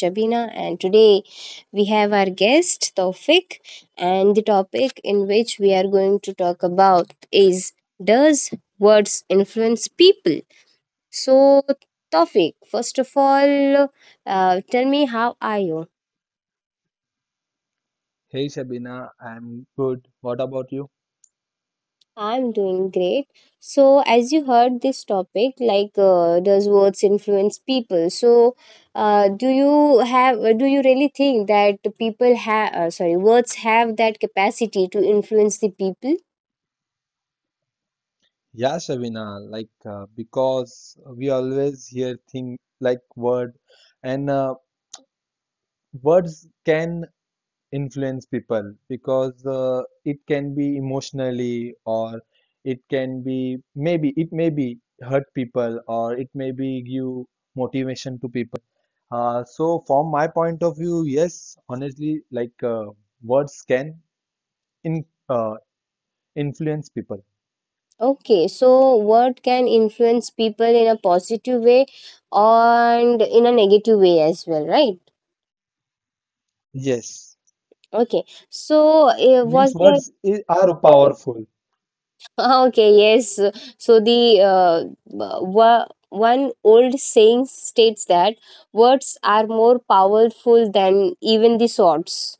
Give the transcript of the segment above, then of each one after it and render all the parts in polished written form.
Shabina, and today we have our guest, Taufik. And the topic in which we are going to talk about is does words influence people? So, Taufik, first of all, tell me how are you? Hey Shabina, I'm good. What about you? I'm doing great. So, as you heard this topic, like, does words influence people? So, do you really think that people have, words have that capacity to influence the people? Yeah, Shabina, like because we always hear thing like word, and words can influence people, because it can be emotionally, or it can be maybe it may be hurt people, or it may be give motivation to people. So from my point of view, yes, honestly, like words can in influence people. Okay, so word can influence people in a positive way and in a negative way as well, right? Yes, Okay, so means was there words are powerful. Okay, yes. So one old saying states that words are more powerful than even the swords.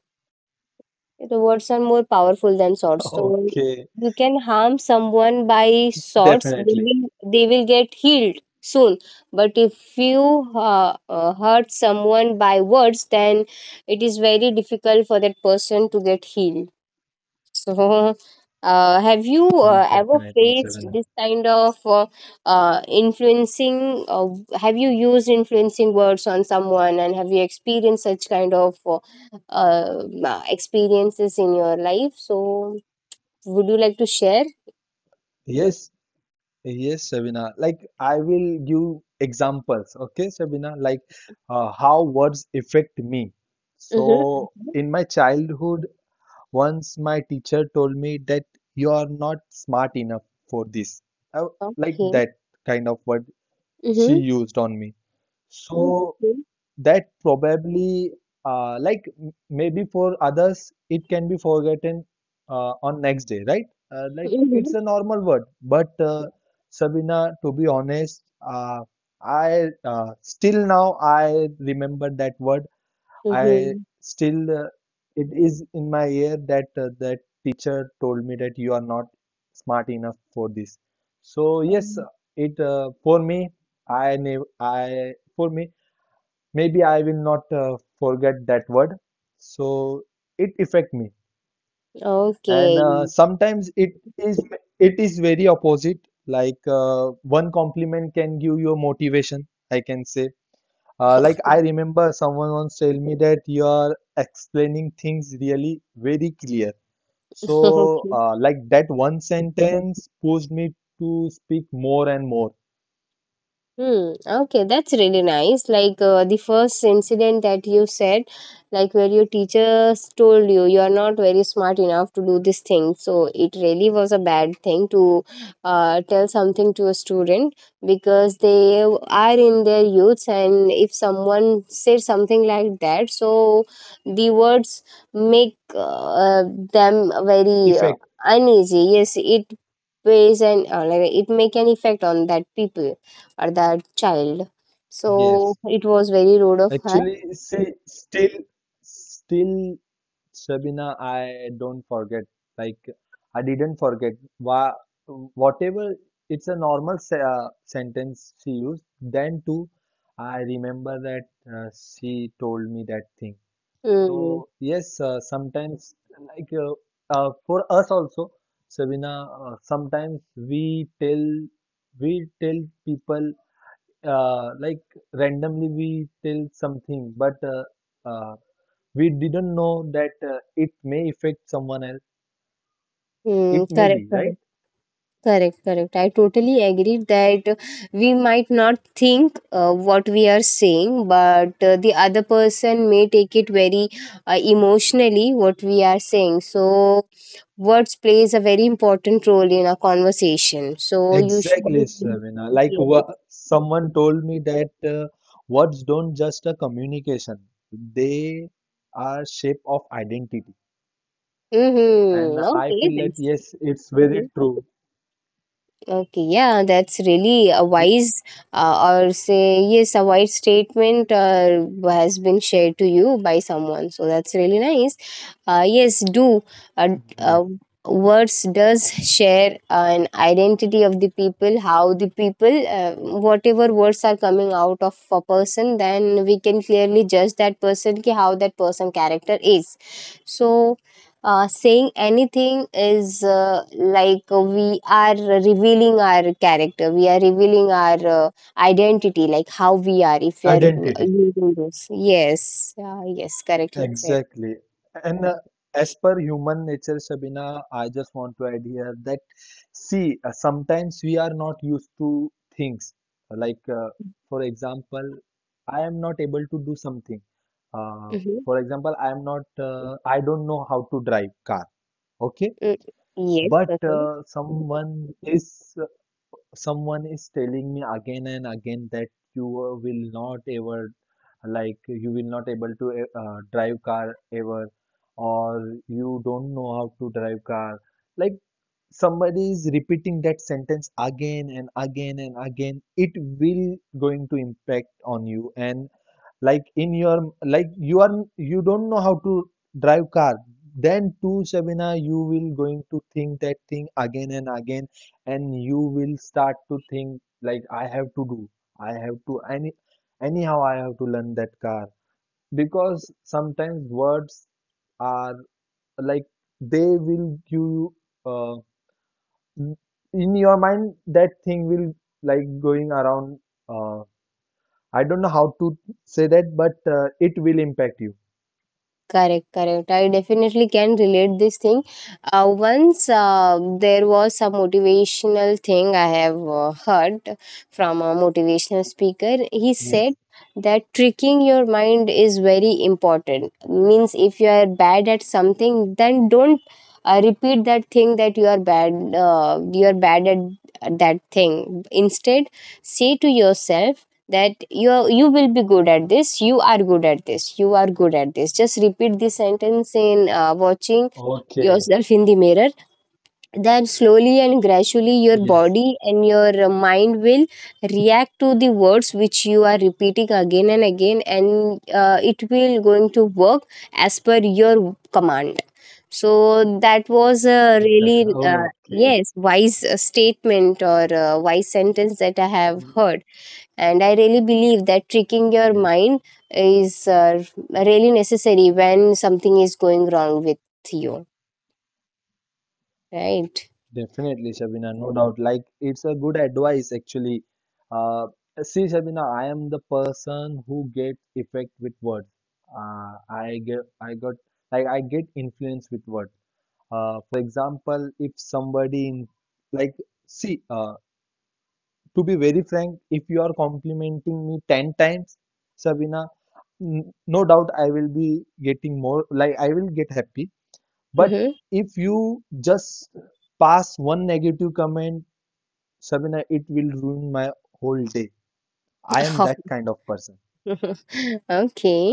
The words are more powerful than swords. So Okay, you can harm someone by swords; they definitely, will they will get healed soon. But if you hurt someone by words, then it is very difficult for that person to get healed. So, have you ever definitely, faced Sabina. this kind of influencing? Have you used influencing words on someone, and have you experienced such kind of experiences in your life? So, would you like to share? Yes, yes, Sabina. Like I will give examples. Okay, Sabina, like how words affect me. Mm-hmm. So in my childhood, once my teacher told me that you are not smart enough for this. Like Okay. that kind of word she Mm-hmm. used on me. So Mm-hmm. that probably like maybe for others it can be forgotten on next day, right? Like Mm-hmm. it's a normal word, but Sabina, to be honest, I still now I remember that word. I Mm-hmm. still it is in my ear, that that teacher told me that you are not smart enough for this. So yes, Um, it for me, I never I for me, maybe I will not forget that word. So it affect me. And Okay. Sometimes it is very opposite. Like one compliment can give you a motivation. I can say, like I remember someone once tell me that you are explaining things really very clear. So Okay. Like that one sentence pushed me to speak more and more. Hmm. Okay, that's really nice. Like the first incident that you said, like where your teachers told you you are not very smart enough to do this thing. So it really was a bad thing to tell something to a student because they are in their youths, and if someone says something like that, so the words make them very Effect, uneasy. Yes, it weighs and like, it make an effect on that people or that child. So yes. it was very rude of her. Actually, see, still Sabina, I don't forget. Like I didn't forget. Wha whatever, it's a normal se sentence she used. Then too, I remember that she told me that thing. Hmm. So yes, sometimes like for us also, Sabina, sometimes we tell people like randomly we tell something, but uh, we didn't know that it may affect someone else. Hmm. It may Correct, be, right? correct, correct, correct. I totally agree that we might not think what we are saying, but the other person may take it very emotionally what we are saying. So words plays a very important role in a conversation. So you should Exactly, be. Savina. Like someone told me that words don't just a communication; they are shape of identity. And Mm-hmm. I Okay, feel that that's. yes, it's very true. Okay, yeah, that's really a wise, or say, yes, a wise statement has been shared to you by someone. So that's really nice. Yes, do. Uh, Yes. uh, Words does share an identity of the people, how the people, whatever words are coming out of a person, then we can clearly judge that person, ki how that person character is. So saying anything is like we are revealing our character, we are revealing our identity, like how we are, if we are Identity. using this. Yes, yes, correctly said. Exactly. And as per human nature, Shabina, I just want to add here that see, sometimes we are not used to things. Like, for example, I am not able to do something. Uh, Mm-hmm. for example, I am not, I don't know how to drive car. Okay. Mm, yes. But Okay. Someone is telling me again and again that you will not ever, like you will not able to drive car ever, or you don't know how to drive car. Like somebody is repeating that sentence again and again and again, it will going to impact on you. And like in your, like you are, you don't know how to drive car, then too, Sabina, you will going to think that thing again and again, and you will start to think like I have to, anyhow I have to learn that car. Because sometimes words are like, they will give you uh, in your mind, that thing will like going around. uh, I don't know how to say that, but it will impact you. Correct, correct. I definitely can relate this thing. Once there was some motivational thing I have heard from a motivational speaker. He said Yes. that tricking your mind is very important. Means if you are bad at something, then don't repeat that thing that you are bad. You are bad at that thing. Instead, say to yourself that you will be good at this, you are good at this, you are good at this. Just repeat this sentence in, watching Okay. yourself in the mirror. Then slowly and gradually your Yes. body and your mind will react to the words which you are repeating again and again, and it will going to work as per your command. So that was a The, really oh, okay. yes, wise statement, or wise sentence that I have heard, and I really believe that tricking your Yes. mind is really necessary when something is going wrong with you, right? Definitely, Shabina. No doubt. Like, it's a good advice, actually. Uh, See, Shabina, I am the person who gets effect with words. I get, I got, like, I get influence with words. For example, if somebody in, like, see, to be very frank, if you are complimenting me 10 times, Sabina, no doubt I will be getting more, like I will get happy. But Mm-hmm. if you just pass one negative comment, Sabina, it will ruin my whole day. I am that kind of person. Okay,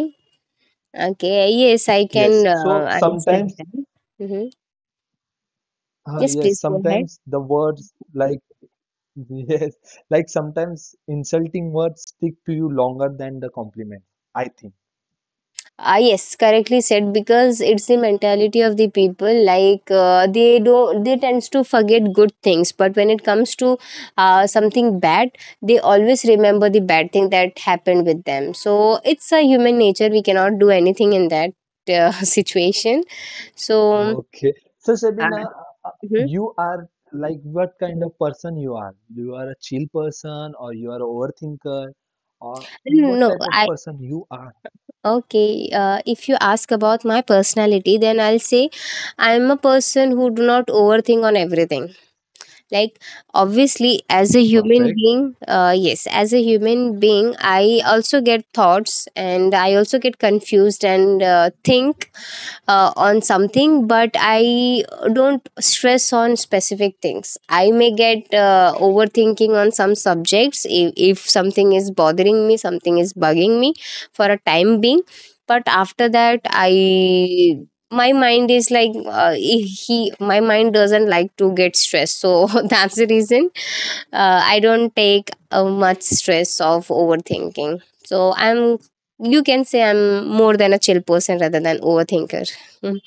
okay, yes, I Yes. can So understand sometimes, that. Mm-hmm. Yes, yes, please go ahead. sometimes the words like, yes, like sometimes insulting words stick to you longer than the compliment, I think. Ah, yes, correctly said. Because it's the mentality of the people. Like they do, not, they tends to forget good things. But when it comes to something bad, they always remember the bad thing that happened with them. So it's a human nature. We cannot do anything in that situation. So Okay. So uh, Sabina, uh, mhm. you are like what kind of person you are? You are a chill person, or you are a overthinker, or what No, type of I person you are? okay. If you ask about my personality, then I'll say I'm a person who do not overthink on everything, like obviously as a human Perfect. being, yes, as a human being, I also get thoughts and I also get confused and think on something, but I don't stress on specific things. I may get overthinking on some subjects, if something is bothering me, something is bugging me for a time being, but after that I my mind is like, he my mind doesn't like to get stressed. So that's the reason I don't take much stress of overthinking. So you can say I'm more than a chill person rather than overthinker. Mm.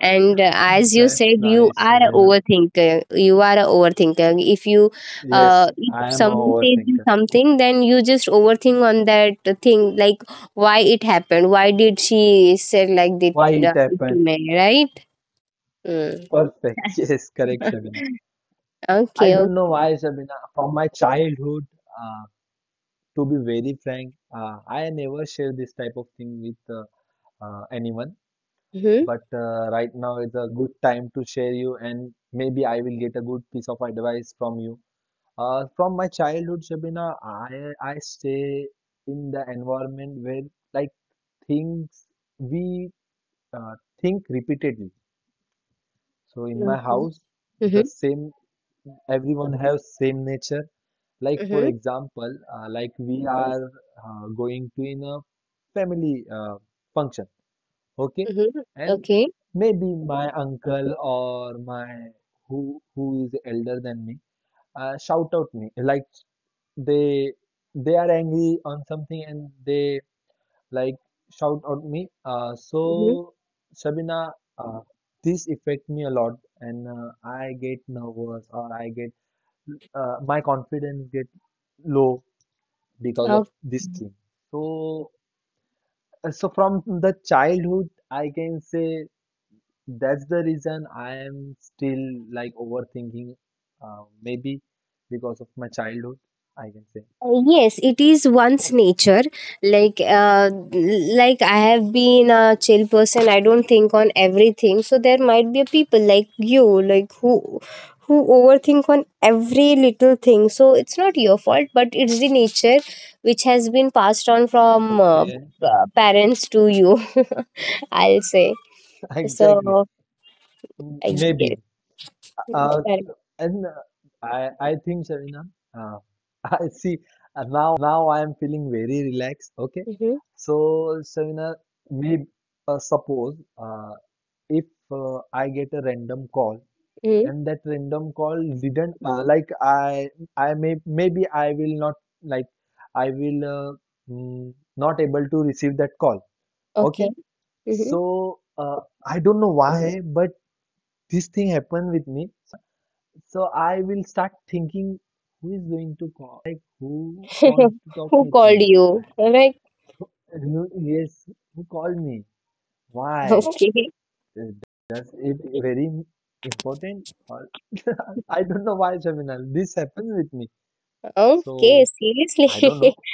And as you That's said, you nice, are a Sabina. overthinker. You are a overthinker. If you, Yes, uh, if I am a someone says you overthinker. something, then you just overthink on that thing, like why it happened, why did she say like that Why it to happened? me, right? Mm. Perfect. Yes, correct, Sabina. I Okay. don't Okay. know why, Sabina. From my childhood, uh, to be very frank, I never share this type of thing with anyone. Mm-hmm. But right now is a good time to share you, and maybe I will get a good piece of advice from you. From my childhood, Shabina, I stay in the environment where like things we uh, think repeatedly. So in my Okay. house, the Mm-hmm. same, everyone has same nature. Like for Mm-hmm. example, like we are going to in a family function, okay? Mm-hmm. And Okay. maybe my uncle or my who is elder than me shout out me, like they they are angry on something, and they like shout out me. Mhm. So Sabina, uh, this affect me a lot. And I get nervous, or I get my confidence get low because Uh, of this thing. So from the childhood I can say that's the reason I am still like overthinking, maybe because of my childhood, I can say. yes, it is one's nature. Like, uh, like I have been a chill person. I don't think on everything. So there might be a people like you, like who overthink on every little thing. So it's not your fault, but it's the nature which has been passed on from Okay, parents to you. I'll say exactly. so. I Maybe. guess Uh, correct. and I think, Shavina, uh, I see, now I am feeling very relaxed. Okay. Mm-hmm. So, Shavina, maybe suppose if I get a random call, Mm-hmm. and that random call didn't like I may maybe I will not, like I will not able to receive that call. Okay, Okay. Mm-hmm. so I don't know why, but this thing happened with me, Selena. So I will start thinking, who is going to call, like who wants to talk Who with called me? you? Right. Who- Yes, who called me? Why? Okay. Does it very important? I don't know why, Jamina. This happens with me. Okay, So I don't know. seriously.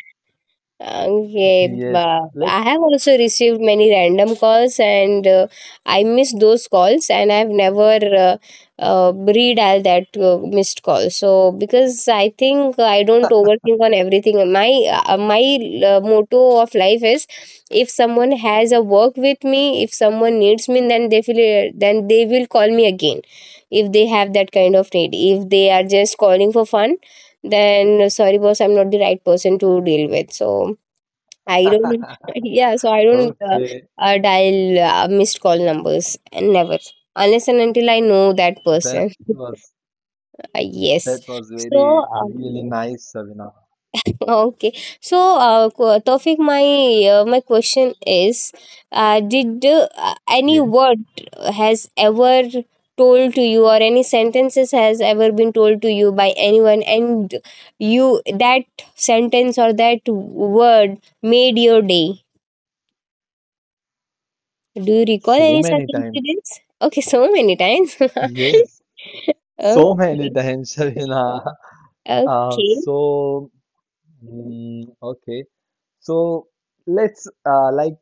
Okay, Yes, but let's I have also received many random calls and I miss those calls and I've never redial that missed call. So because I think I don't overthink on everything. My motto of life is, if someone has a work with me, if someone needs me, then then they will call me again if they have that kind of need. If they are just calling for fun, then sorry boss, I'm not the right person to deal with. So I don't yeah, so I don't okay. Dial missed call numbers, and never, unless and until I know that That person. was Yes. that was So very really nice, Shavina. okay, so Tawfiq, my question is, did any Yes, word has ever told to you, or any sentences has ever been told to you by anyone, and you that sentence or that word made your day? Do you recall so any such many times. incidents? Okay, so many times. Yes, Okay, so many times, Shavina. Okay, So mm, okay. So let's like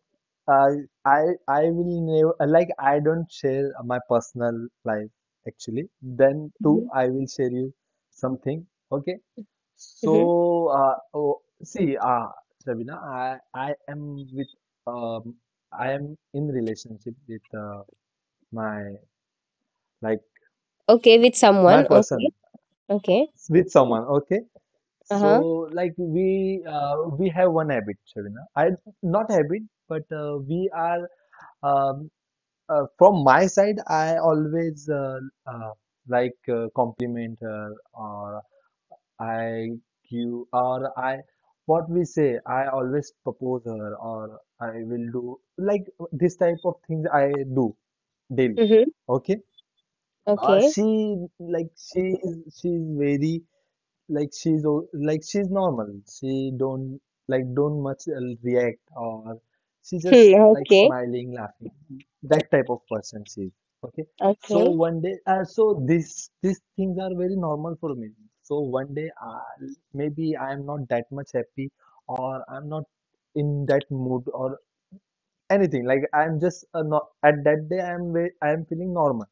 uh, I I will never, like I don't share my personal life actually. Then too I will share you something. Okay. mm-hmm. So oh, see Shabina, um I am in relationship with my, like Okay, with my someone. Okay, person, okay, with someone. Okay. uh So huh, like we have one habit, Shabina. I not habit, but we are, Um, from my side, I always uh, like compliment her, or I give, or I what we say. I always propose her, or I will do like this type of things I do daily. mm-hmm. Okay. Okay. She like she is very, like like she's normal, she don't like don't much react, or she Hmm, just like okay. smiling, laughing, that type of person she is. Okay, so Okay. one day so this these things are very normal for me. So one day maybe I am not that much happy, or I'm not in that mood or anything, like I'm just not, at that day I am feeling normal.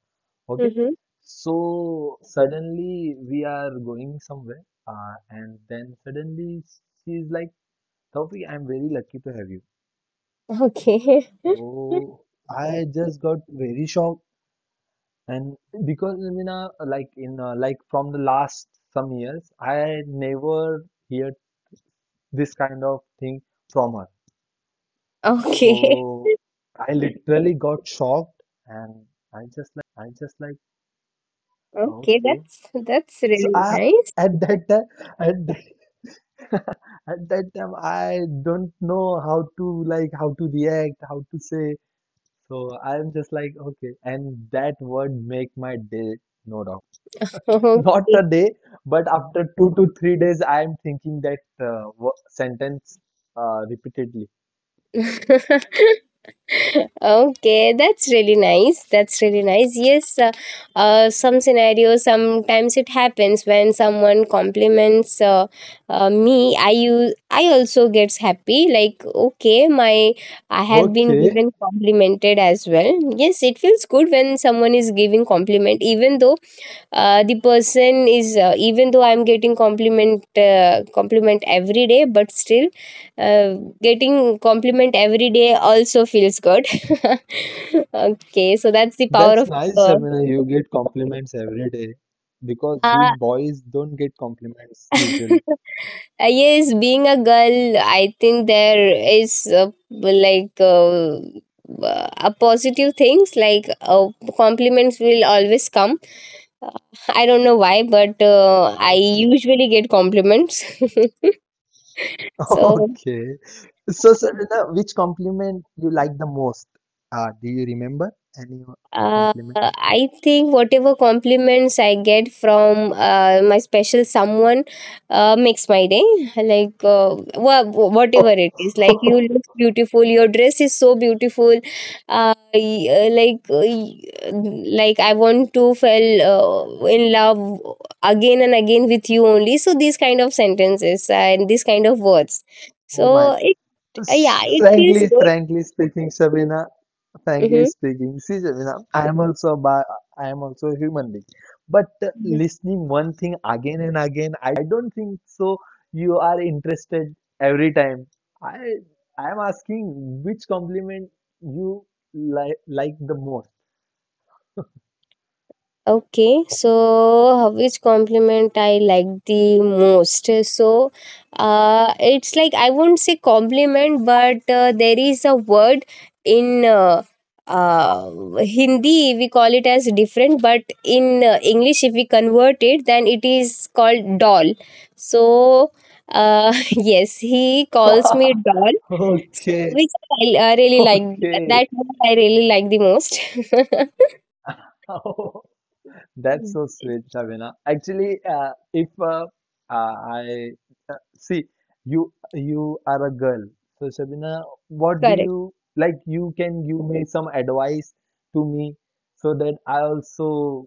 Okay, Mhm. so suddenly we are going somewhere, and then suddenly she's like, Taufik, I'm very lucky to have you. Okay. So I just got very shocked, and because I mean, like in like from the last some years, I never heard this kind of thing from her. Okay. So I literally got shocked, and I just like, Okay, okay. that's So really I nice. at that time, at that At that time, I don't know how to, like how to react, how to say. So I'm just like, okay. And that word make my day, no doubt. Not Okay. a day, but after 2 to 3 days, I'm thinking that sentence repeatedly. Okay, that's really nice. That's really nice. Yes, some scenarios, sometimes it happens when someone compliments me, I also gets happy, like okay, my I have been Okay, given complimented as well. Yes, it feels good when someone is giving compliment, even though the person is even though I'm getting compliment every day, but still uh, getting compliment every day also feels good. Okay, so that's the power that's of nice. I mean, you get compliments every day, because we uh, boys don't get compliments usually. Yes, being a girl, I think there is like a positive things, like compliments will always come. Uh, I don't know why, but I Okay. usually get compliments. so Okay. So, Sarita, which compliment you like the most? Do you remember any Uh, compliment? I think whatever compliments I get from my special someone makes my day. Like whatever it is, like you Oh, look beautiful, your dress is so beautiful. Uh, y- uh, like uh, y- like I want to fall in love again and again with you only. So these kind of sentences and these kind of words. oh my. So it yeah, it feels good. frankly, speaking, Sabina, frankly Mm-hmm. speaking, see, Sabina, I am also a I am also a human being. But listening one thing again and again, I don't think so. You are interested every time. I I am asking which compliment you like the most. Okay, so which compliment I like the most? So, it's like I won't say compliment, but there is a word in uh, Hindi, we call it as different, but in English, if we convert it, then it is called doll. So, yes, he calls me doll, Okay, which I really like. okay. That word I really like the most. Oh, that's so sweet, Shabina. Actually, if I see you, you are a girl. So, Shabina, what do Correct. you like? You can give me some advice to me, so that I also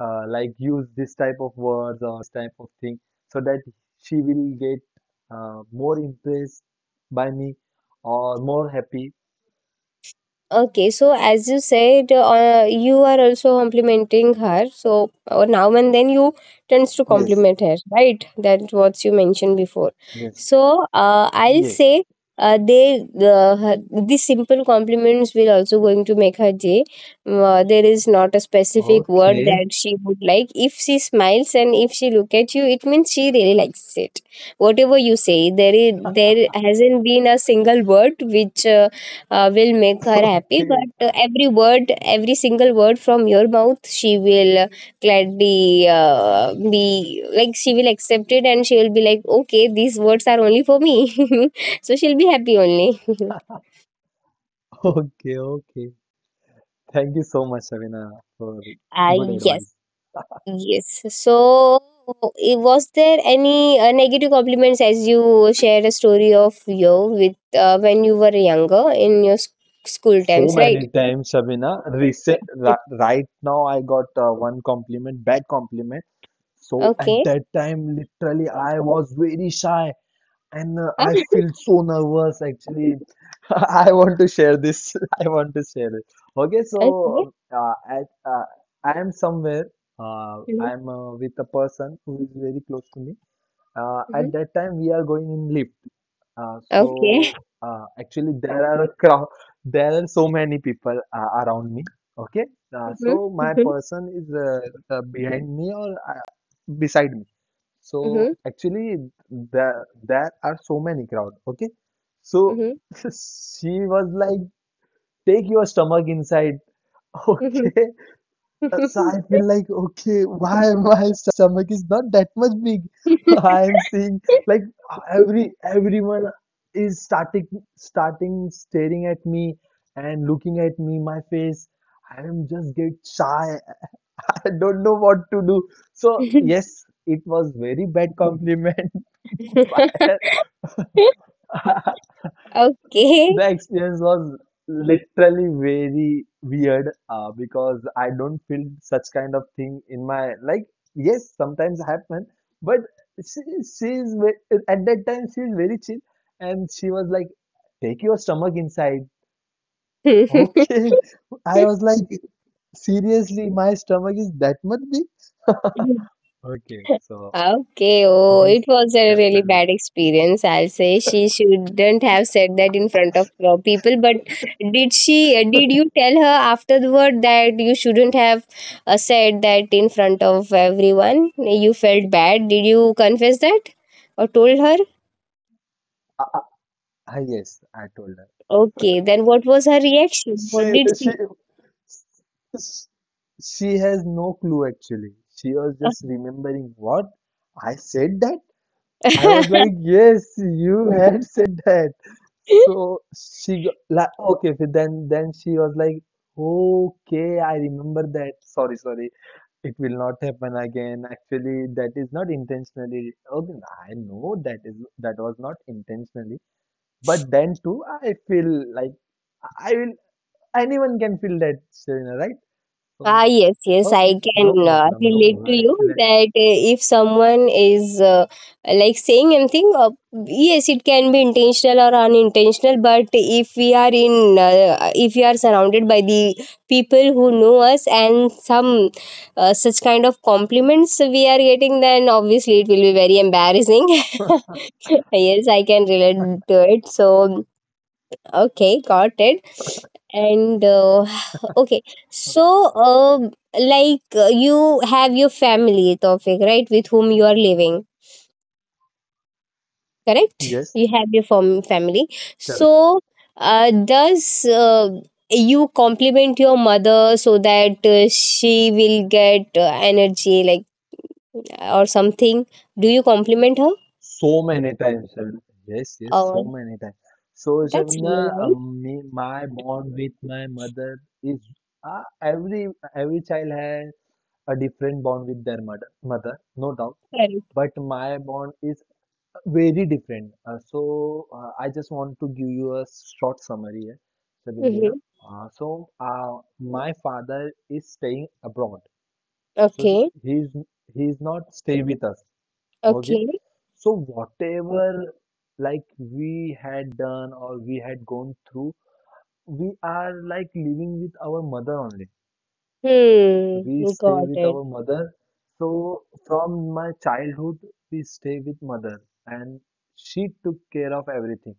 like use this type of words or this type of thing, so that she will get more impressed by me or more happy. Okay, so as you said, you are also complimenting her. So now and then you tends to Yes, compliment her, right? That's what you mentioned before. yes. So I'll Yes. say uh, they uh, her- these simple compliments will also going to make her day. There is not a specific word Okay. that she would like. If she smiles and if she look at you, it means she really likes it. Whatever you say, there hasn't been a single word which. Will make her happy, Okay. but every single word from your mouth, she will gladly be like she will accept it, and she will be like, okay, these words are only for me. So she'll be happy only. Okay. Okay. Thank you so much, Shabina, for uh, good yes, advice. yes. So was there any negative compliments, as you shared a story of you with when you were younger in your school So times, right? many times, Shabina. Right now, I got one compliment, bad compliment. So at Okay. that time, literally, I was very shy and Ah, I feel so nervous. Actually, I want to share this. I want to share it. Okay. okay. At, uh, I am somewhere. Mhm. I am with a person who is very close to me. At Mhm. that time, we are going in lift. Uh, Okay. so actually, there are a crowd. There are so many people around me. Okay. Uh, Mhm, so my mhm, person is behind me or beside me. So mhm, actually, there are so many crowd. Okay. So she was like, take your stomach inside. mhm, Okay. So mhm. I feel like, okay, why my stomach is not that much big? I am seeing like everyone is starting starting staring at me and looking at me, my face. I am just get shy. I don't know what to do. So yes, it was very bad compliment. But Okay. the experience was literally very weird because I don't feel such kind of thing in my, like, yes, sometimes happen, but at that time she's very chill and she was like, take your stomach inside. Okay. I was like, seriously, my stomach is that much big? Okay, so Okay. Oh, this it was a really happened with bad experience. I'll say she shouldn't have said that in front of people. But did she? Did you tell her afterward that you shouldn't have said that in front of everyone? You felt bad. Did you confess that or told her? uh, yes, I told her. Okay, then what was her reaction? What she did she? she S- She has no clue actually. She was just remembering what I said that. I was like, yes, you had said that. So she got, like, okay. So then she was like, okay, I remember that. Sorry, sorry. It will not happen again. Actually, that is not intentionally. Okay, I know that is, that was not intentionally. But then too, I feel like I will. Anyone can feel that, Serena, right? So Yes, yes, I okay, can no problem, no relate problem. to you Actually, that if someone is like saying anything, yes, it can be intentional or unintentional. But if we are surrounded by the people who know us, and some such kind of compliments we are getting, then obviously it will be very embarrassing. Yes, I can relate to it. Okay, got it. And okay, so like you have your family, Tawfiq, right, with whom you are living, correct? yes, You have your family. correct. So, does you compliment your mother so that she will get energy, like, or something? Do you compliment her? So many times, Shamina. Yes, yes, so Oh, many times. So, that's really Shamina, nice. Me, my bond with my mother is uh, every every child has a different bond with their mother, no doubt. Correct. But my bond is very different. I just want to give you a short summary here, Shabina. Mm-hmm. My father is staying abroad. So Okay. he's he's not stay with us. Okay. Okay. So whatever, like, we had done or we had gone through, we are like living with our mother only. We Hmm. stay Got with it. our mother. So from my childhood, we stay with mother, and she took care of everything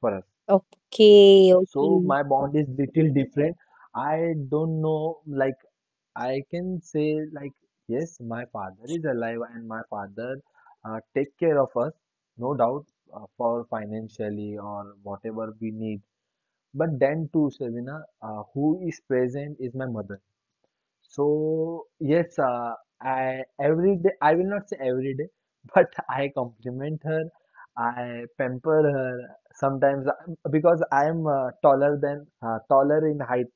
for us. Okay, So okay. my bond is little different. I don't know, like, I can say, like, yes, my father is alive and my father take care of us, no doubt for financially or whatever we need. But then too, Shavina, who is present is my mother. So yes, I every day, I will not say every day, but I compliment her, I pamper her sometimes because I am taller than taller in height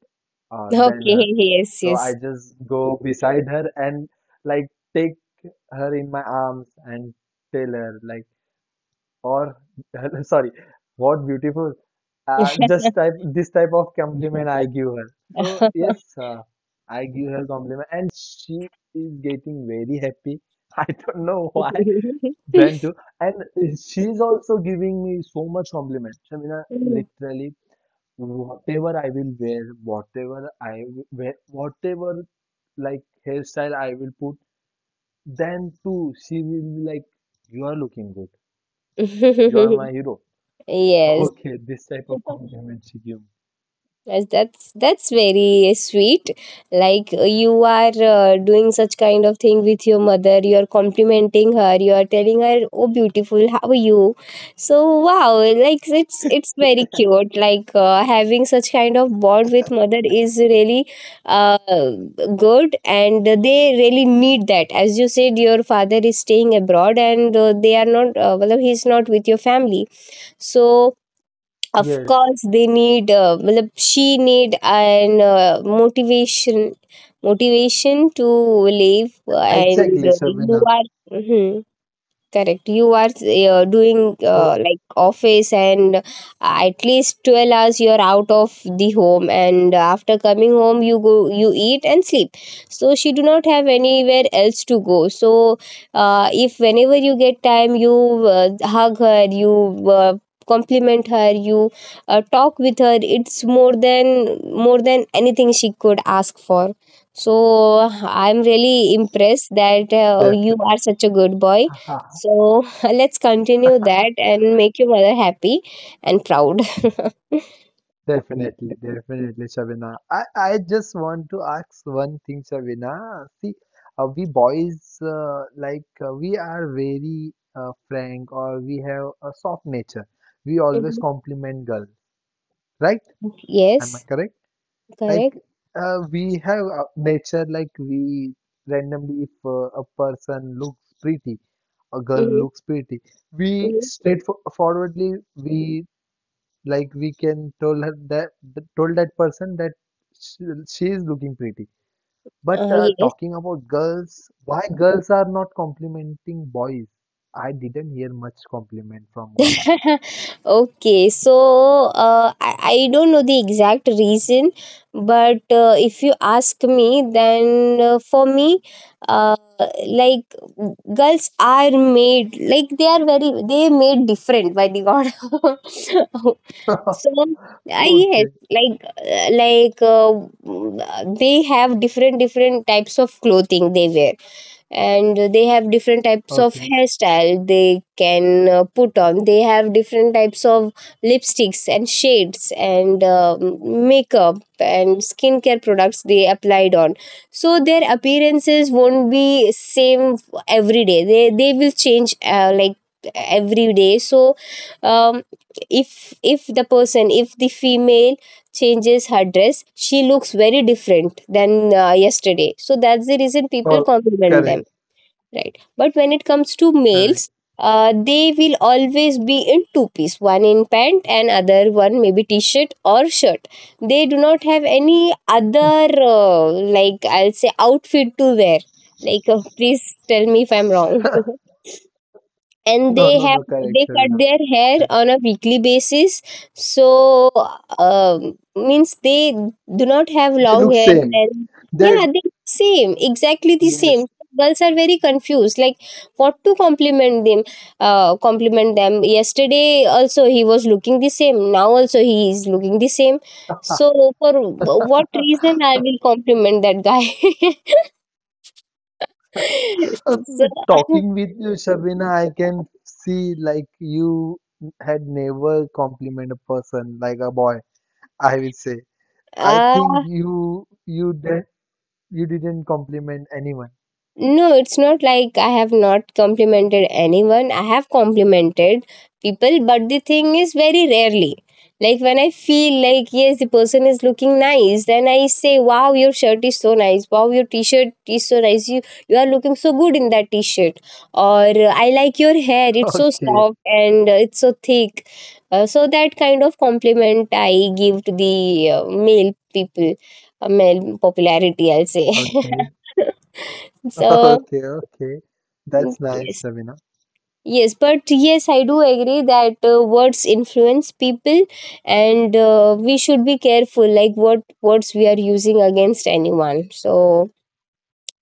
Okay. than her. Yes, So I yes. just go beside her and like take her in my arms and tell her like, or sorry, what beautiful. Just type this type of compliment I give her. So yes, I give her compliment and she is getting very happy. I don't know why. Then too, and she's also giving me so much compliment. I mean, literally whatever I will wear, whatever I wear, whatever like hairstyle I will put, then too she will be like, "You are looking good. You are my hero." Yes. Okay, this type of compliment she gave. Yes, that's very sweet. Like you are doing such kind of thing with your mother. You are complimenting her. You are telling her, "Oh, beautiful, how are you?" So wow, like it's very cute. Like having such kind of bond with mother is really uh, good, and they really need that. As you said, your father is staying abroad, and they are not. Well, he's not with your family. So of Yes, course they need well, she need an motivation to live, and exactly, you Shabina. are. Mhm. Correct. You are doing So like office, and at least 12 hours you're out of the home, and after coming home you eat and sleep. So she do not have anywhere else to go. So if whenever you get time, you hug her, you uh, compliment her, you talk with her, it's more than anything she could ask for. So I'm really impressed that you definitely. are such a good boy, so let's continue that and make your mother happy and proud. Definitely, definitely, Shabina. I just want to ask one thing, Shabina. See, we boys, like, we are very frank or we have a soft nature. We always Mhm. compliment girls, right? Am I Yes, correct? Like, correct. We have a nature, like, we randomly, if a person looks pretty, a girl Mm-hmm. looks pretty, we Mm-hmm. straightforwardly, we like we can tell her that told that person that she is looking pretty, but Uh, talking about girls, why girls are not complimenting boys? I didn't hear much compliment from girls. okay, so uh, I, I don't know the exact reason, but if you ask me, then for me, uh, like girls are made like they are very they made different by the god. So yes, Okay, like they have different types of clothing they wear, and they have different types of okay. hairstyle they can put on, they have different types of lipsticks and shades and makeup and skincare products they applied on, so their appearances won't be same every day, they will change like every day. So um, if the female changes her dress, she looks very different than yesterday, so that's the reason people Oh, compliment them. correct, Right. But when it comes to correct. males, they will always be in two piece, one in pant and other one maybe t-shirt or shirt. They do not have any other like, I'll say, outfit to wear. Like please tell me if I'm wrong. And No, no, no, correct, they cut Shavina. their hair Yeah. on a weekly basis, so means they do not have They long look hair, same, and they, yeah, they same exactly the yes. same. So girls are very confused, like what to compliment them. Yesterday also he was looking the same, now also he is looking the same, so for what reason I will compliment that guy? Uh, with So talking with you, Shavina, I can see like you had never compliment a person, like a boy, I will say. I think uh, you did, you didn't compliment anyone. no, it's not like I have not complimented anyone. I have complimented people, but the thing is very rarely. Like when I feel like, yes, the person is looking nice, then I say, "Wow, your shirt is so nice. Wow, your t-shirt is so nice. You are looking so good in that t-shirt." Or I like your hair. It's so Okay, soft and it's so thick. So that kind of compliment I give to the uh, male people, male popularity, I'll say. okay, So okay, okay. That's nice, yes, Sabina. yes, but yes, I do agree that words influence people, and we should be careful like what words we are using against anyone. So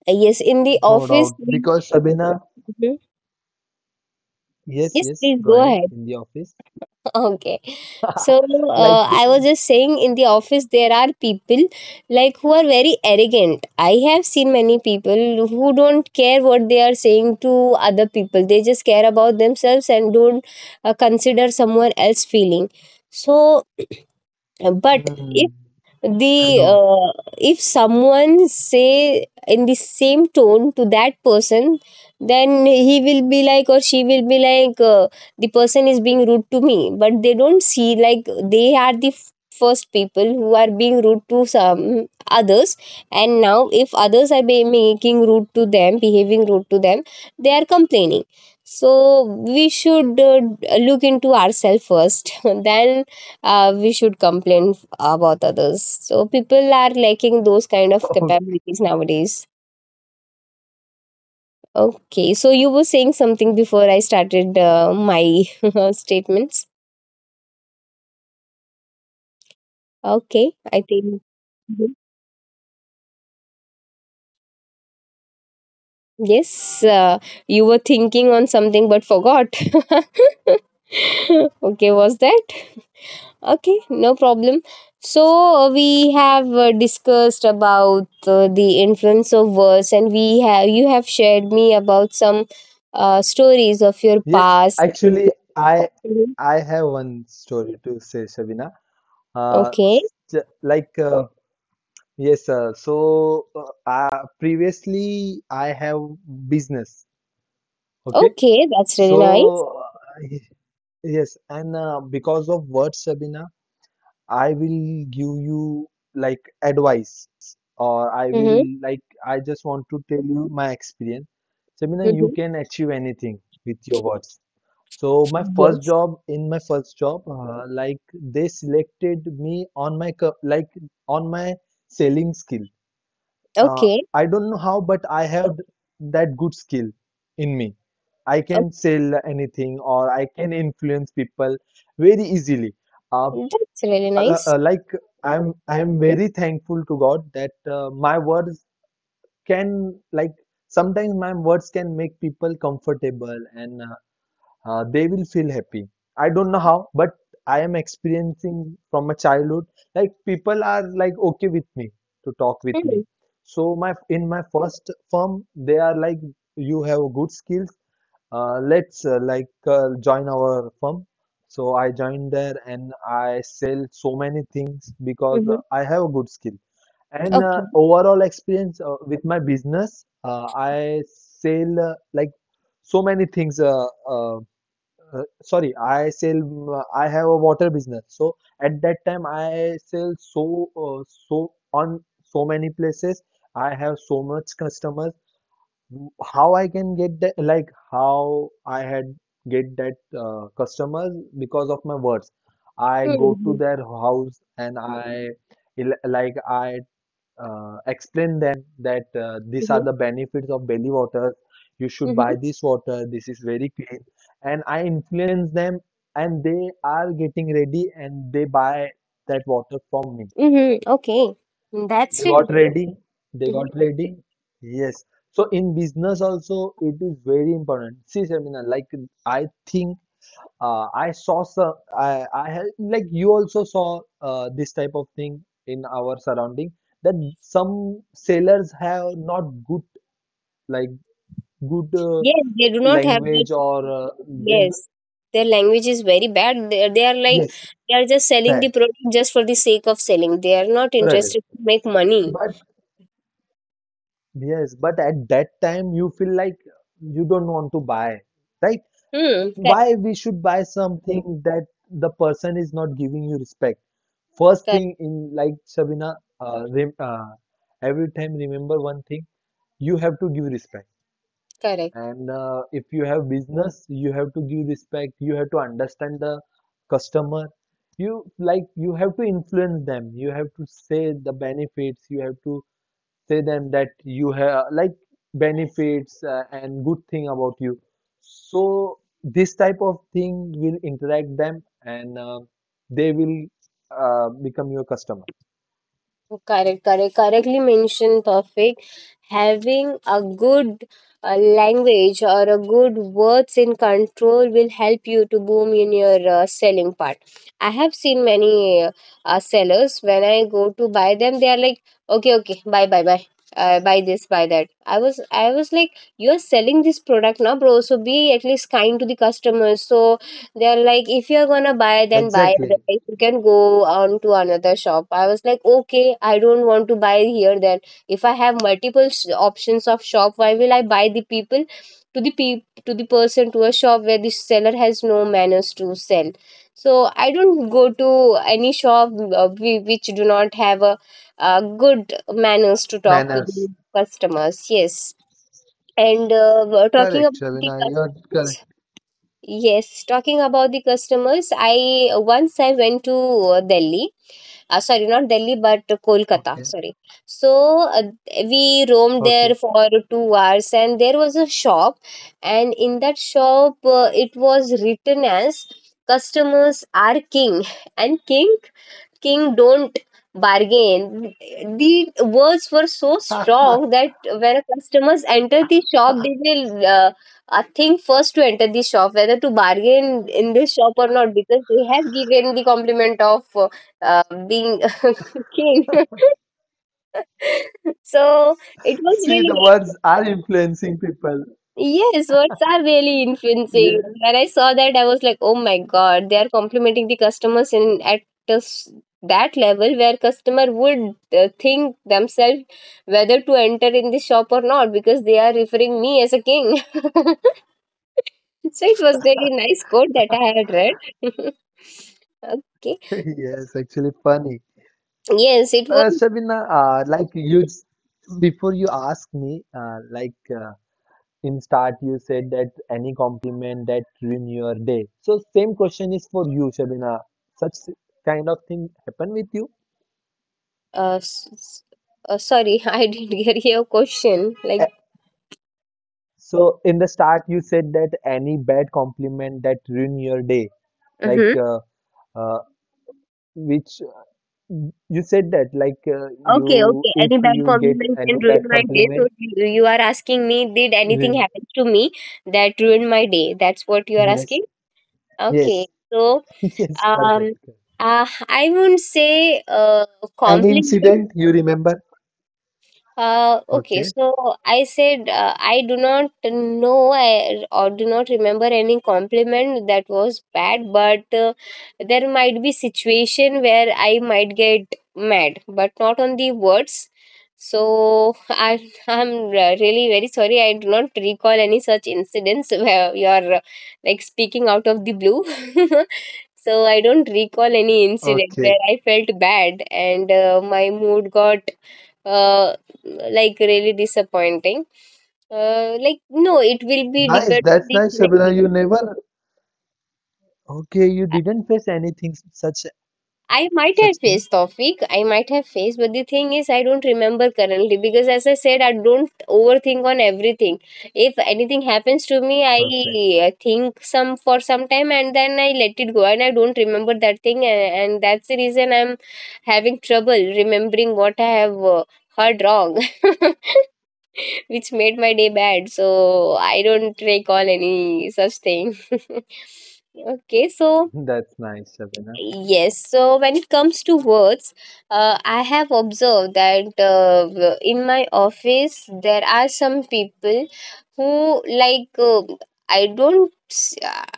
yes, in the No office, doubt. we. Because Sabina, Mhm. yes, Yes, yes, please go go ahead ahead. in the office. Okay. So Like, I was just saying, in the office there are people like who are very arrogant. I have seen many people who don't care what they are saying to other people. They just care about themselves and don't consider someone else feeling. So but hmm, I the know. If someone say in the same tone to that person, then he will be like, or she will be like, the person is being rude to me, but they don't see like they are the first people who are being rude to some others, and now if others are be making rude to them behaving rude to them, they are complaining. So we should look into ourselves first, then we should complain about others. So people are lacking those kind of capabilities nowadays. Okay, so you were saying something before I started my statements. Okay, I think. Mhm. Yes, you were thinking on something but forgot. Okay, was that? Okay, no problem. So we have discussed about the influence of words, and we have you have shared me about some stories of your Yes, past. actually, I Mhm. I have one story to say, Shabina. Uh, Okay. s- j- like uh, yes, previously I have business. Okay, Okay, that's really nice. so uh, y- yes, and because of what, Shabina, I will give you like advice, or I will Mhm. like I just want to tell you my experience. Shabina, you Mhm. can achieve anything with your words. So my first Yes. job, in my first job, they selected me on my co- like on my selling skill. Uh, Okay. I don't know how, but I have that good skill in me. I Oh, can sell anything or I can influence people very easily. Uh, that's really al- nice. uh, like I'm very thankful to God that my words can like sometimes my words can make people comfortable and they will feel happy. I don't know how, but I am experiencing from my childhood. Like people are like okay with me to talk with me. Mhm. So my first firm, they are like you have good skills. Let's like Join our firm. So I joined there and I sell so many things because Mhm. I have a good skill. And Okay. overall experience with my business, I sell so many things sorry, I have a water business. So at that time I sell so so on so many places. I have so much customers. How I can get that, like how I had get that customers? Because of my words I go to Mhm. their house and I il- like I explain them that these are Mhm. the benefits of belly water. You should buy Mhm. this water. This is very clean. And I influence them, and they are getting ready, and they buy that water from me. Mhm. Okay. They That's got really. ready. They Mhm. got ready. Yes. So in business also, it is very important. See, Shamina, I think I saw some. I had like You also saw this type of thing in our surrounding, that some sailors have not good, like good uh, Yes, they do not have that. language, or they, d- Yes, their language is very bad. They are like yes, they are just selling bad, the product just for the sake of selling. They are not right? interested to make money. But yes, but at that time you feel like you don't want to buy, right? Hmm. Correct. Why we should buy something that the person is not giving you respect? First Correct. thing in like Shabina, rem every time remember one thing, you have to give respect. Correct. And if you have business, you have to give respect. You have to understand the customer. You have to influence them. You have to say the benefits. You have to say them that you have like benefits and good thing about you. So this type of thing will interact them and they will become your customer. Correct, correct, correctly mentioned, perfect. Having a good language or a good words in control will help you to boom in your selling part. I have seen many sellers. When I go to buy them, they are like, okay, okay, buy, buy, buy. Buy this, buy that. I was like, you are selling this product now, bro. So be at least kind to the customers. So they're like, if you're gonna buy, then buy. Exactly. Otherwise, you can go on to another shop. I was like, okay, I don't want to buy here then. If I have multiple options of shop, why will I buy the people to to the person, to a shop where the seller has no manners to sell? So I don't go to any shop which do not have a good manners to talk to Manners. the customers. Yes, and talking Correct, about the Shabina. You're correct. customers. Yes, talking about the customers, I went to Delhi. Sorry, not Delhi, but Kolkata. Okay. Sorry. So we roamed there Okay. for 2 hours, and there was a shop, and in that shop, it was written as "Customers are king," and king king don't bargain. The words were so strong that when a customers enter the shop, they will think first to enter the shop whether to bargain in this shop or not, because they have given the compliment of being king. So it was See, the really. words are influencing people. Yes, words are really influencing. Yeah. When I saw that, I was like, "Oh my God, they are complimenting the customers in at a s- that level where customer would think themselves whether to enter in the shop or not, because they are referring me as a king." So it was really nice quote that I had read. Okay. Yes, actually funny. Yes, it was. Shabina, before you ask me, in start you said that any compliment that ruin your day. So same question is for you, Shabina. Such kind of thing happen with you? Uh, s- s- Sorry, I didn't get your question. Like. Eh, so in the start you said that any bad compliment that ruin your day. Like Mhm. uh, uh, which you said that Okay, you okay. if Any bad you get compliment any can ruin bad my day. compliment, So you are asking me, did anything then- happen to me that ruined my day? That's what you are yes, asking? yes. Okay. So Yes, perfect. um uh, I won't say An compliment. incident you remember? Okay, Okay, so I said, I do not know, or do not remember any compliment that was bad, but there might be situation where I might get mad, but not on the words. So I'm really very sorry. I do not recall any such incidents where you're like speaking out of the blue. So I don't recall any incident where okay, I felt bad and my mood got uh, like really disappointing. Like, no, it will be nice, depend on that's the nice Shabana. scenario. You never, okay, you I didn't face anything such, I might such have thing? faced Tofik, I might have faced, but the thing is, I don't remember currently because, as I said, I don't overthink on everything. If anything happens to me, Perfect. I think some for some time and then I let it go, and I don't remember that thing, and that's the reason I'm having trouble remembering what I have heard wrong. Which made my day bad. So I don't recall any such thing. Okay, so, That's nice Shabana. yes, so when it comes to words, I have observed that in my office there are some people who like I don't s-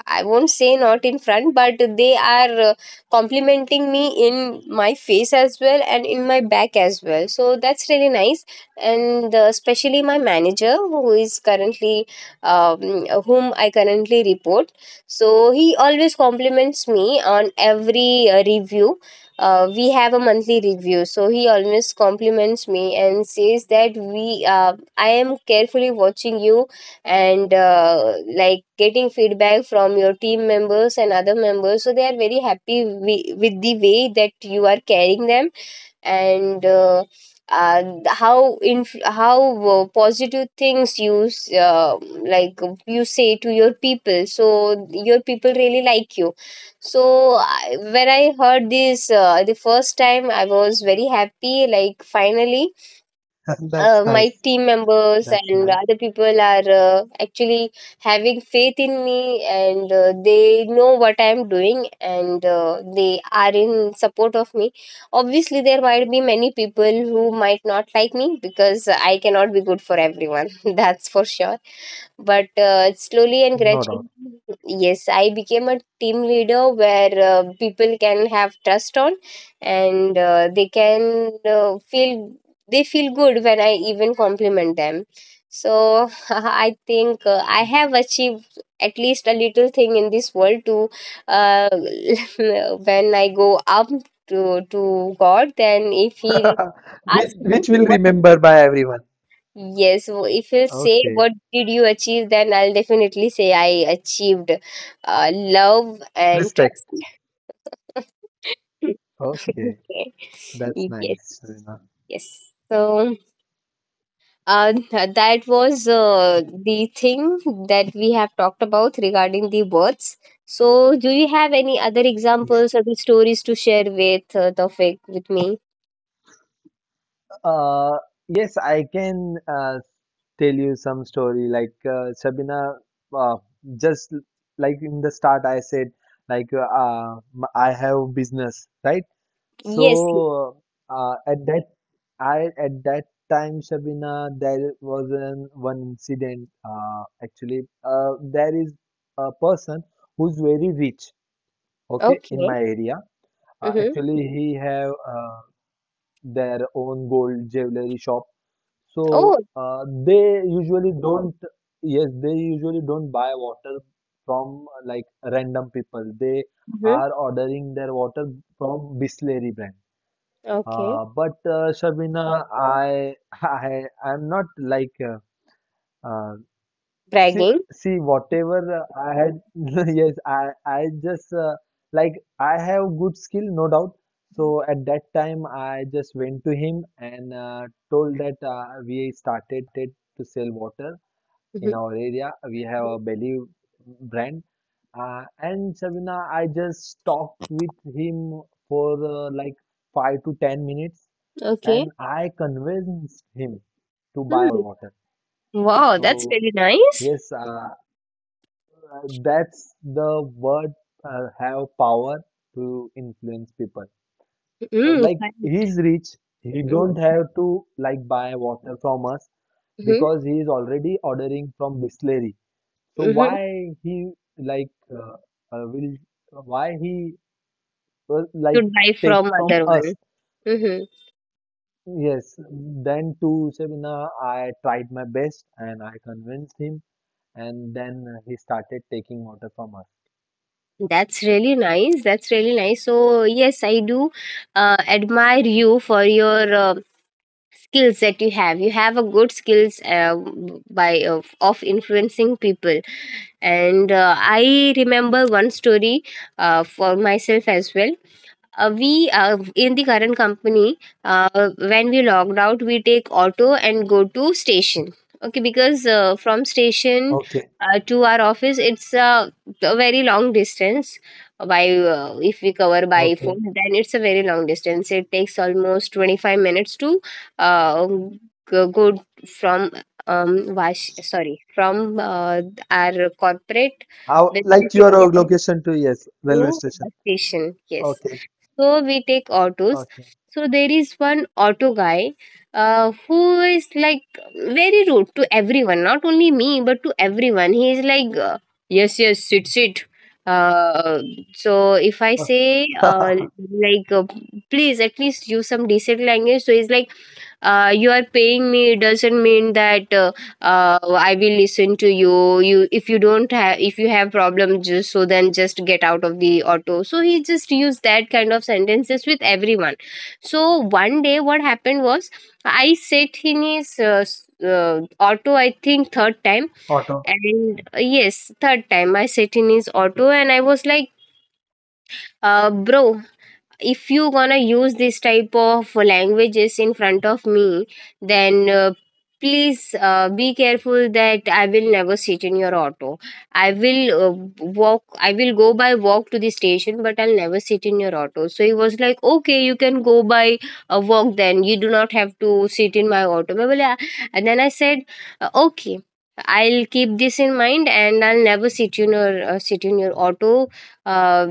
I won't say not in front, but they are complimenting me in my face as well and in my back as well. So that's really nice, and especially my manager um, whom I currently report, so he always compliments me on every review. We have a monthly review, so he always compliments me and says that I am carefully watching you and like getting feedback from your team members and other members. So they are very happy with the way that you are carrying them and how positive things like you say to your people, so your people really like you so when I heard this the first time I was very happy, like finally That's my nice. team members That's and nice, other people are actually having faith in me and they know what I am doing and they are in support of me. Obviously there might be many people who might not like me because I cannot be good for everyone, that's for sure, but slowly and no gradually, doubt. yes, I became a team leader where people can have trust on, and they can feel good when I even compliment them. So I think I have achieved at least a little thing in this world to uh, when I go up to God, then if He which asks me, which will remember by everyone. yes, if you'll say Okay, what did you achieve, then I'll definitely say I achieved love and respect. trust. Okay. Okay. That's Yes, nice, Zarina. yes. So that was the thing that we have talked about regarding the words. So, do you have any other Yes. examples or the stories to share with Tawfiq with me? Uh, yes, I can tell you some story. Shabina, uh, just l- like in the start, I said I have business, right? Yes. So uh, at that, I at that time, Shabina, there was an one incident. Actually, there is a person who's very rich. Okay, in Okay. my area. Mm-hmm. Actually, he have their own gold jewelry shop. So Oh. They usually don't, yes, they usually don't buy water from like random people. They Mm-hmm. are ordering their water from Bisleri brand, Okay. But Shabina, I I I'm not like uh, See, Bragging. see, whatever I had, yes, I just like I have good skill, no doubt. So at that time, I just went to him and told that we started to sell water in Mm-hmm. our area. We have a belly brand, and Sabina, I just talked with him for 5 to 10 minutes, Okay. and I convinced him to buy our Hmm. water. Wow, that's So really nice. yes, that's the word have power to influence people. Mm, He's rich, he don't have to like buy water from us mm-hmm, because he is already ordering from Bisleri. So mm-hmm. why he like uh, will, why he will like To buy take from from other us? one. Mm-hmm. Yes. Then to Shabina, I tried my best and I convinced him, and then he started taking water from us. That's really nice. That's really nice. So yes, I do admire you for your skills that you have. You have a good skills of influencing people. And I remember one story for myself as well. We in the current company, when we logged out, we take auto and go to station. Okay, because from station Okay. To our office, it's a very long distance. By if we cover by foot, Okay. then it's a very long distance. It takes almost 25 minutes to uh, go from wash sorry from our corporate How, business like your area location to yes, railway to station. Station. Yes, Okay, so we take autos. okay. So there is one auto guy who is like very rude to everyone, not only me, but to everyone. He is like, yes, yes, sit, sit. Uh, so if I say, like, please at least use some decent language, so he's like, you are paying me, it doesn't mean that I will listen to you. If you have problems, just so then just get out of the auto. So he just used that kind of sentences with everyone. So one day what happened was I sat in his auto, I think third time, Auto. and yes, third time I sat in his auto and I was like, bro, if you gonna use this type of languages in front of me, then please be careful that I will never sit in your auto. I will go by walk to the station, but I'll never sit in your auto. So he was like, okay, you can go by a walk, then you do not have to sit in my auto. And then I said, okay, I'll keep this in mind and I'll never sit in your sit in your auto uh,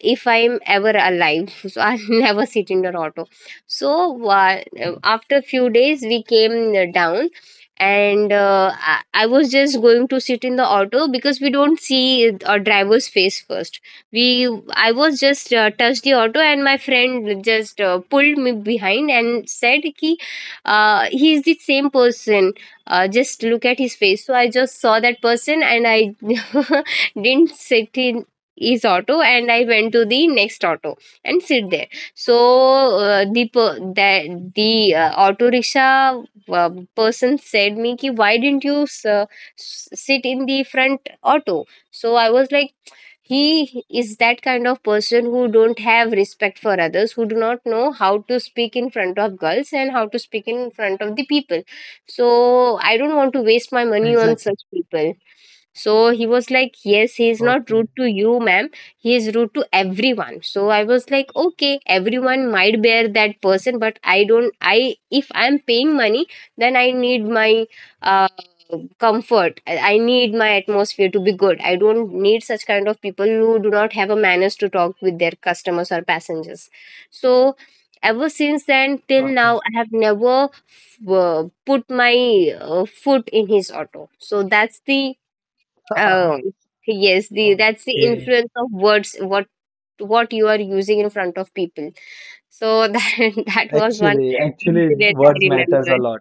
if I'm ever alive. So I'll never sit in the auto. So uh, after few days we came down and I was just going to sit in the auto because we don't see a driver's face first. We i was just touched the auto and my friend just pulled me behind and said ki, he's the same person, just look at his face. So I just saw that person and I didn't sit in is auto and I went to the next auto and sit there. So the auto rickshaw uh, person said me ki, why didn't you sit in the front auto? So I was like, he is that kind of person who don't have respect for others, who do not know how to speak in front of girls and how to speak in front of the people, so I don't want to waste my money on Exactly. such people. So he was like, yes, he is not rude Okay, to you, ma'am, he is rude to everyone. So I was like, okay, everyone might bear that person, but I don't, I, if I'm paying money, then I need my uh, comfort, I need my atmosphere to be good, I don't need such kind of people who do not have a manners to talk with their customers or passengers. So ever since then till now perfect. I have never put my foot in his auto. So that's the oh, yes, the that's the Okay. influence of words, what you are using in front of people. So that was one Actually, actually, incident I words matters a remembered. lot.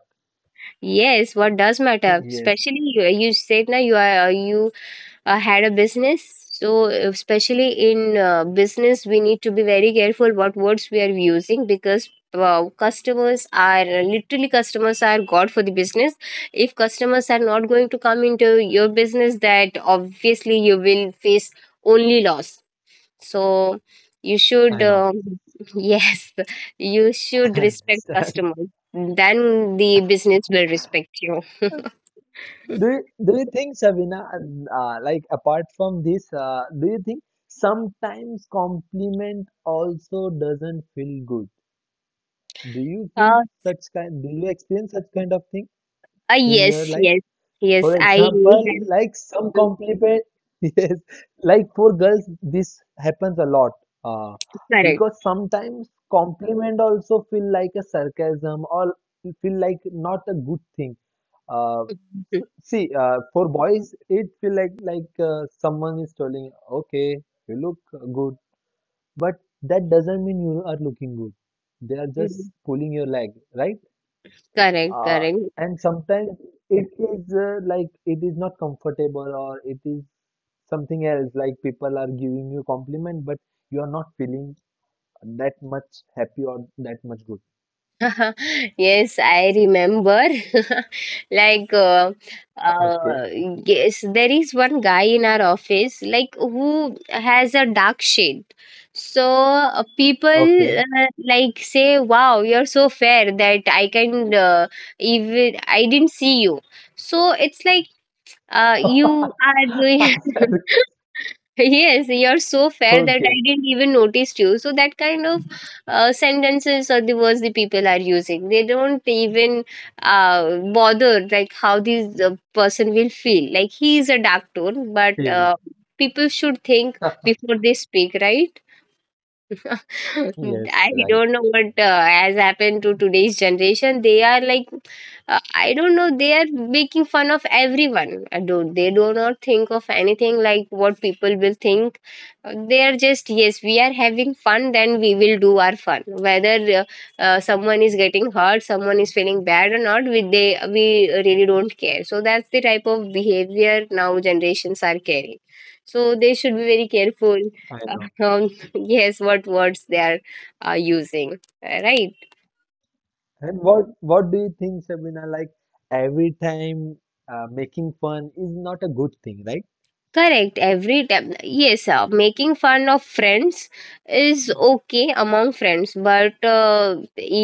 Yes, what does matter? Yes, Especially you said now you are you had a business, so especially in business we need to be very careful what words we are using because customers are god for the business. If customers are not going to come into your business, that obviously you will face only loss, so you should I know. Yes, you should I respect understand. customers, then the business will respect you. Do you think, Sabina, apart from this, do you think sometimes compliment also doesn't feel good? Do you feel uh, such kind? Do you experience such kind of thing in yes, your life? yes, yes, For I example, have. like some compliment, yes, like for girls, this happens a lot. Uh, Correct. because sometimes compliment also feel like a sarcasm or feel like not a good thing. Uh, See, for boys, it feel like someone is telling, okay, you look good, but that doesn't mean you are looking good. They are Mhm, just mhm. pulling your leg, right? Correct, uh, correct. and sometimes it is it is not comfortable or it is something else, like people are giving you compliment but you are not feeling that much happy or that much good. Yes, I remember. Like, Okay, uh, yes, there is one guy in our office, like, who has a dark shade. So, people okay. Like say, wow, you're so fair that I didn't see you. So, it's like, you are doing. Yes, you're so fair that I Okay, didn't even notice you. So that kind of sentences or the words the people are using, they don't even bother like how this person will feel. Like he is a dark tone, but feel. People should think before they speak, right? Yes, I right don't know what Shabana. Has happened to today's generation. They are like, I don't know, they are making fun of everyone. I don't, They do not think of anything like what people will think. They are just, yes, we are having fun, then we will do our fun. Whether uh, someone is getting hurt, someone is feeling bad or not, we really don't care. So that's the type of behavior now generations are carrying. So they should be very careful. I know. Uh, yes, what words they are using, right, And what do you think, Sabina? Like every time making fun is not a good thing, right? correct, every time. Yes, making fun of friends is okay among friends, but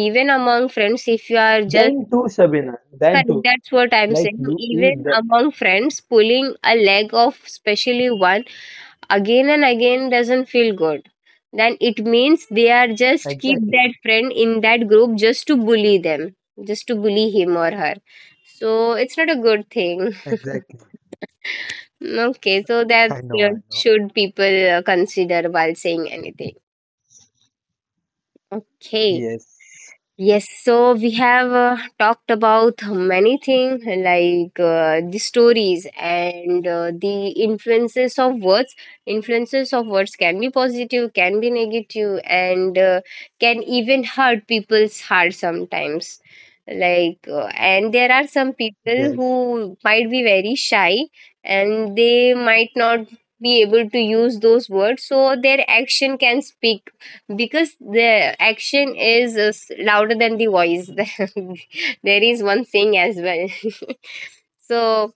even among friends if you are just Then too, Sabina. Then correct, too, that's what I'm like saying, you eat. even among friends pulling a leg of especially one again and again doesn't feel good, then it means they are just keep Exactly, that friend in that group just to bully them, just to bully him or her, so it's not a good thing. exactly. Okay, so that's I know, I know. should people consider while saying anything. Okay. Yes, Yes, so we have talked about many things like the stories and the influences of words. Influences of words can be positive, can be negative, and can even hurt people's heart sometimes. Like, and there are some people yes, who might be very shy and they might not be able to use those words, so their action can speak because the action is louder than the voice. There is one saying as well. So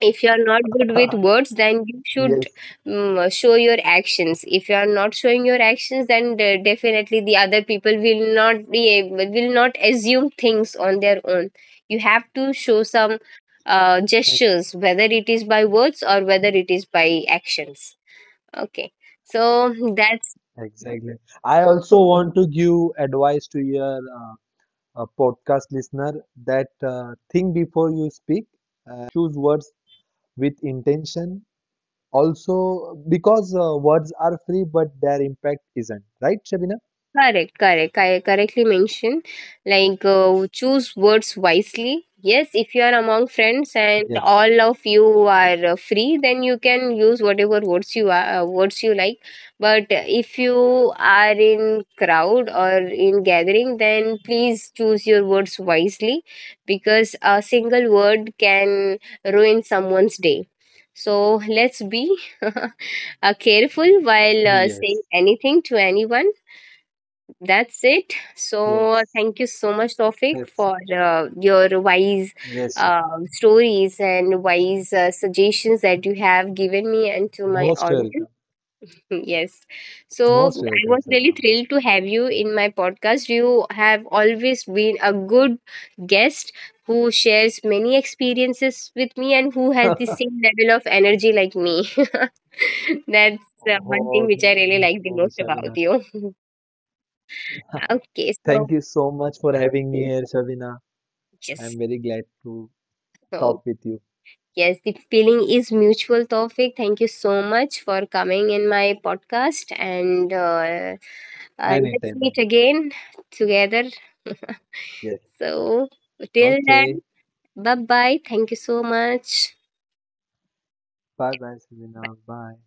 if you are not good with words, then you should yes, show your actions. If you are not showing your actions, then definitely the other people will not assume things on their own. You have to show some ex- gestures, whether it is by words or whether it is by actions, okay, so that's exactly. I also want to give advice to your podcast listener that think before you speak and choose words with intention. Also, because words are free, but their impact isn't. Right, Shabina? correct, correct. I correctly mentioned, like, choose words wisely. Yes, if you are among friends and Yes, all of you are free, then you can use whatever words you are, words you like. But if you are in crowd or in gathering, then please choose your words wisely, because a single word can ruin someone's day. So let's be careful while yes, saying anything to anyone, that's it. So yes. thank you so much, Tofik, That's it. for your wise Yes, uh, Shabina. stories and wise suggestions that you have given me and to my Most welcome. audience. Yes. So Most I welcome, was really Shabina. Most thrilled to have you in my podcast. You have always been a good guest who shares many experiences with me and who has the welcome. same level of energy like me. That's one thing Oh, which I really like the oh, most about Shavina. you. Okay, so Thank you so much for having me here, Shavina. I'm yes. very glad to So, talk with you yes, the feeling is mutual, Tawfiq. Thank you so much for coming in my podcast. And let's anytime, meet anytime. again together. Yes. So, till then, Okay. bye bye. Thank you so much. Bye bye, Shavina. Bye.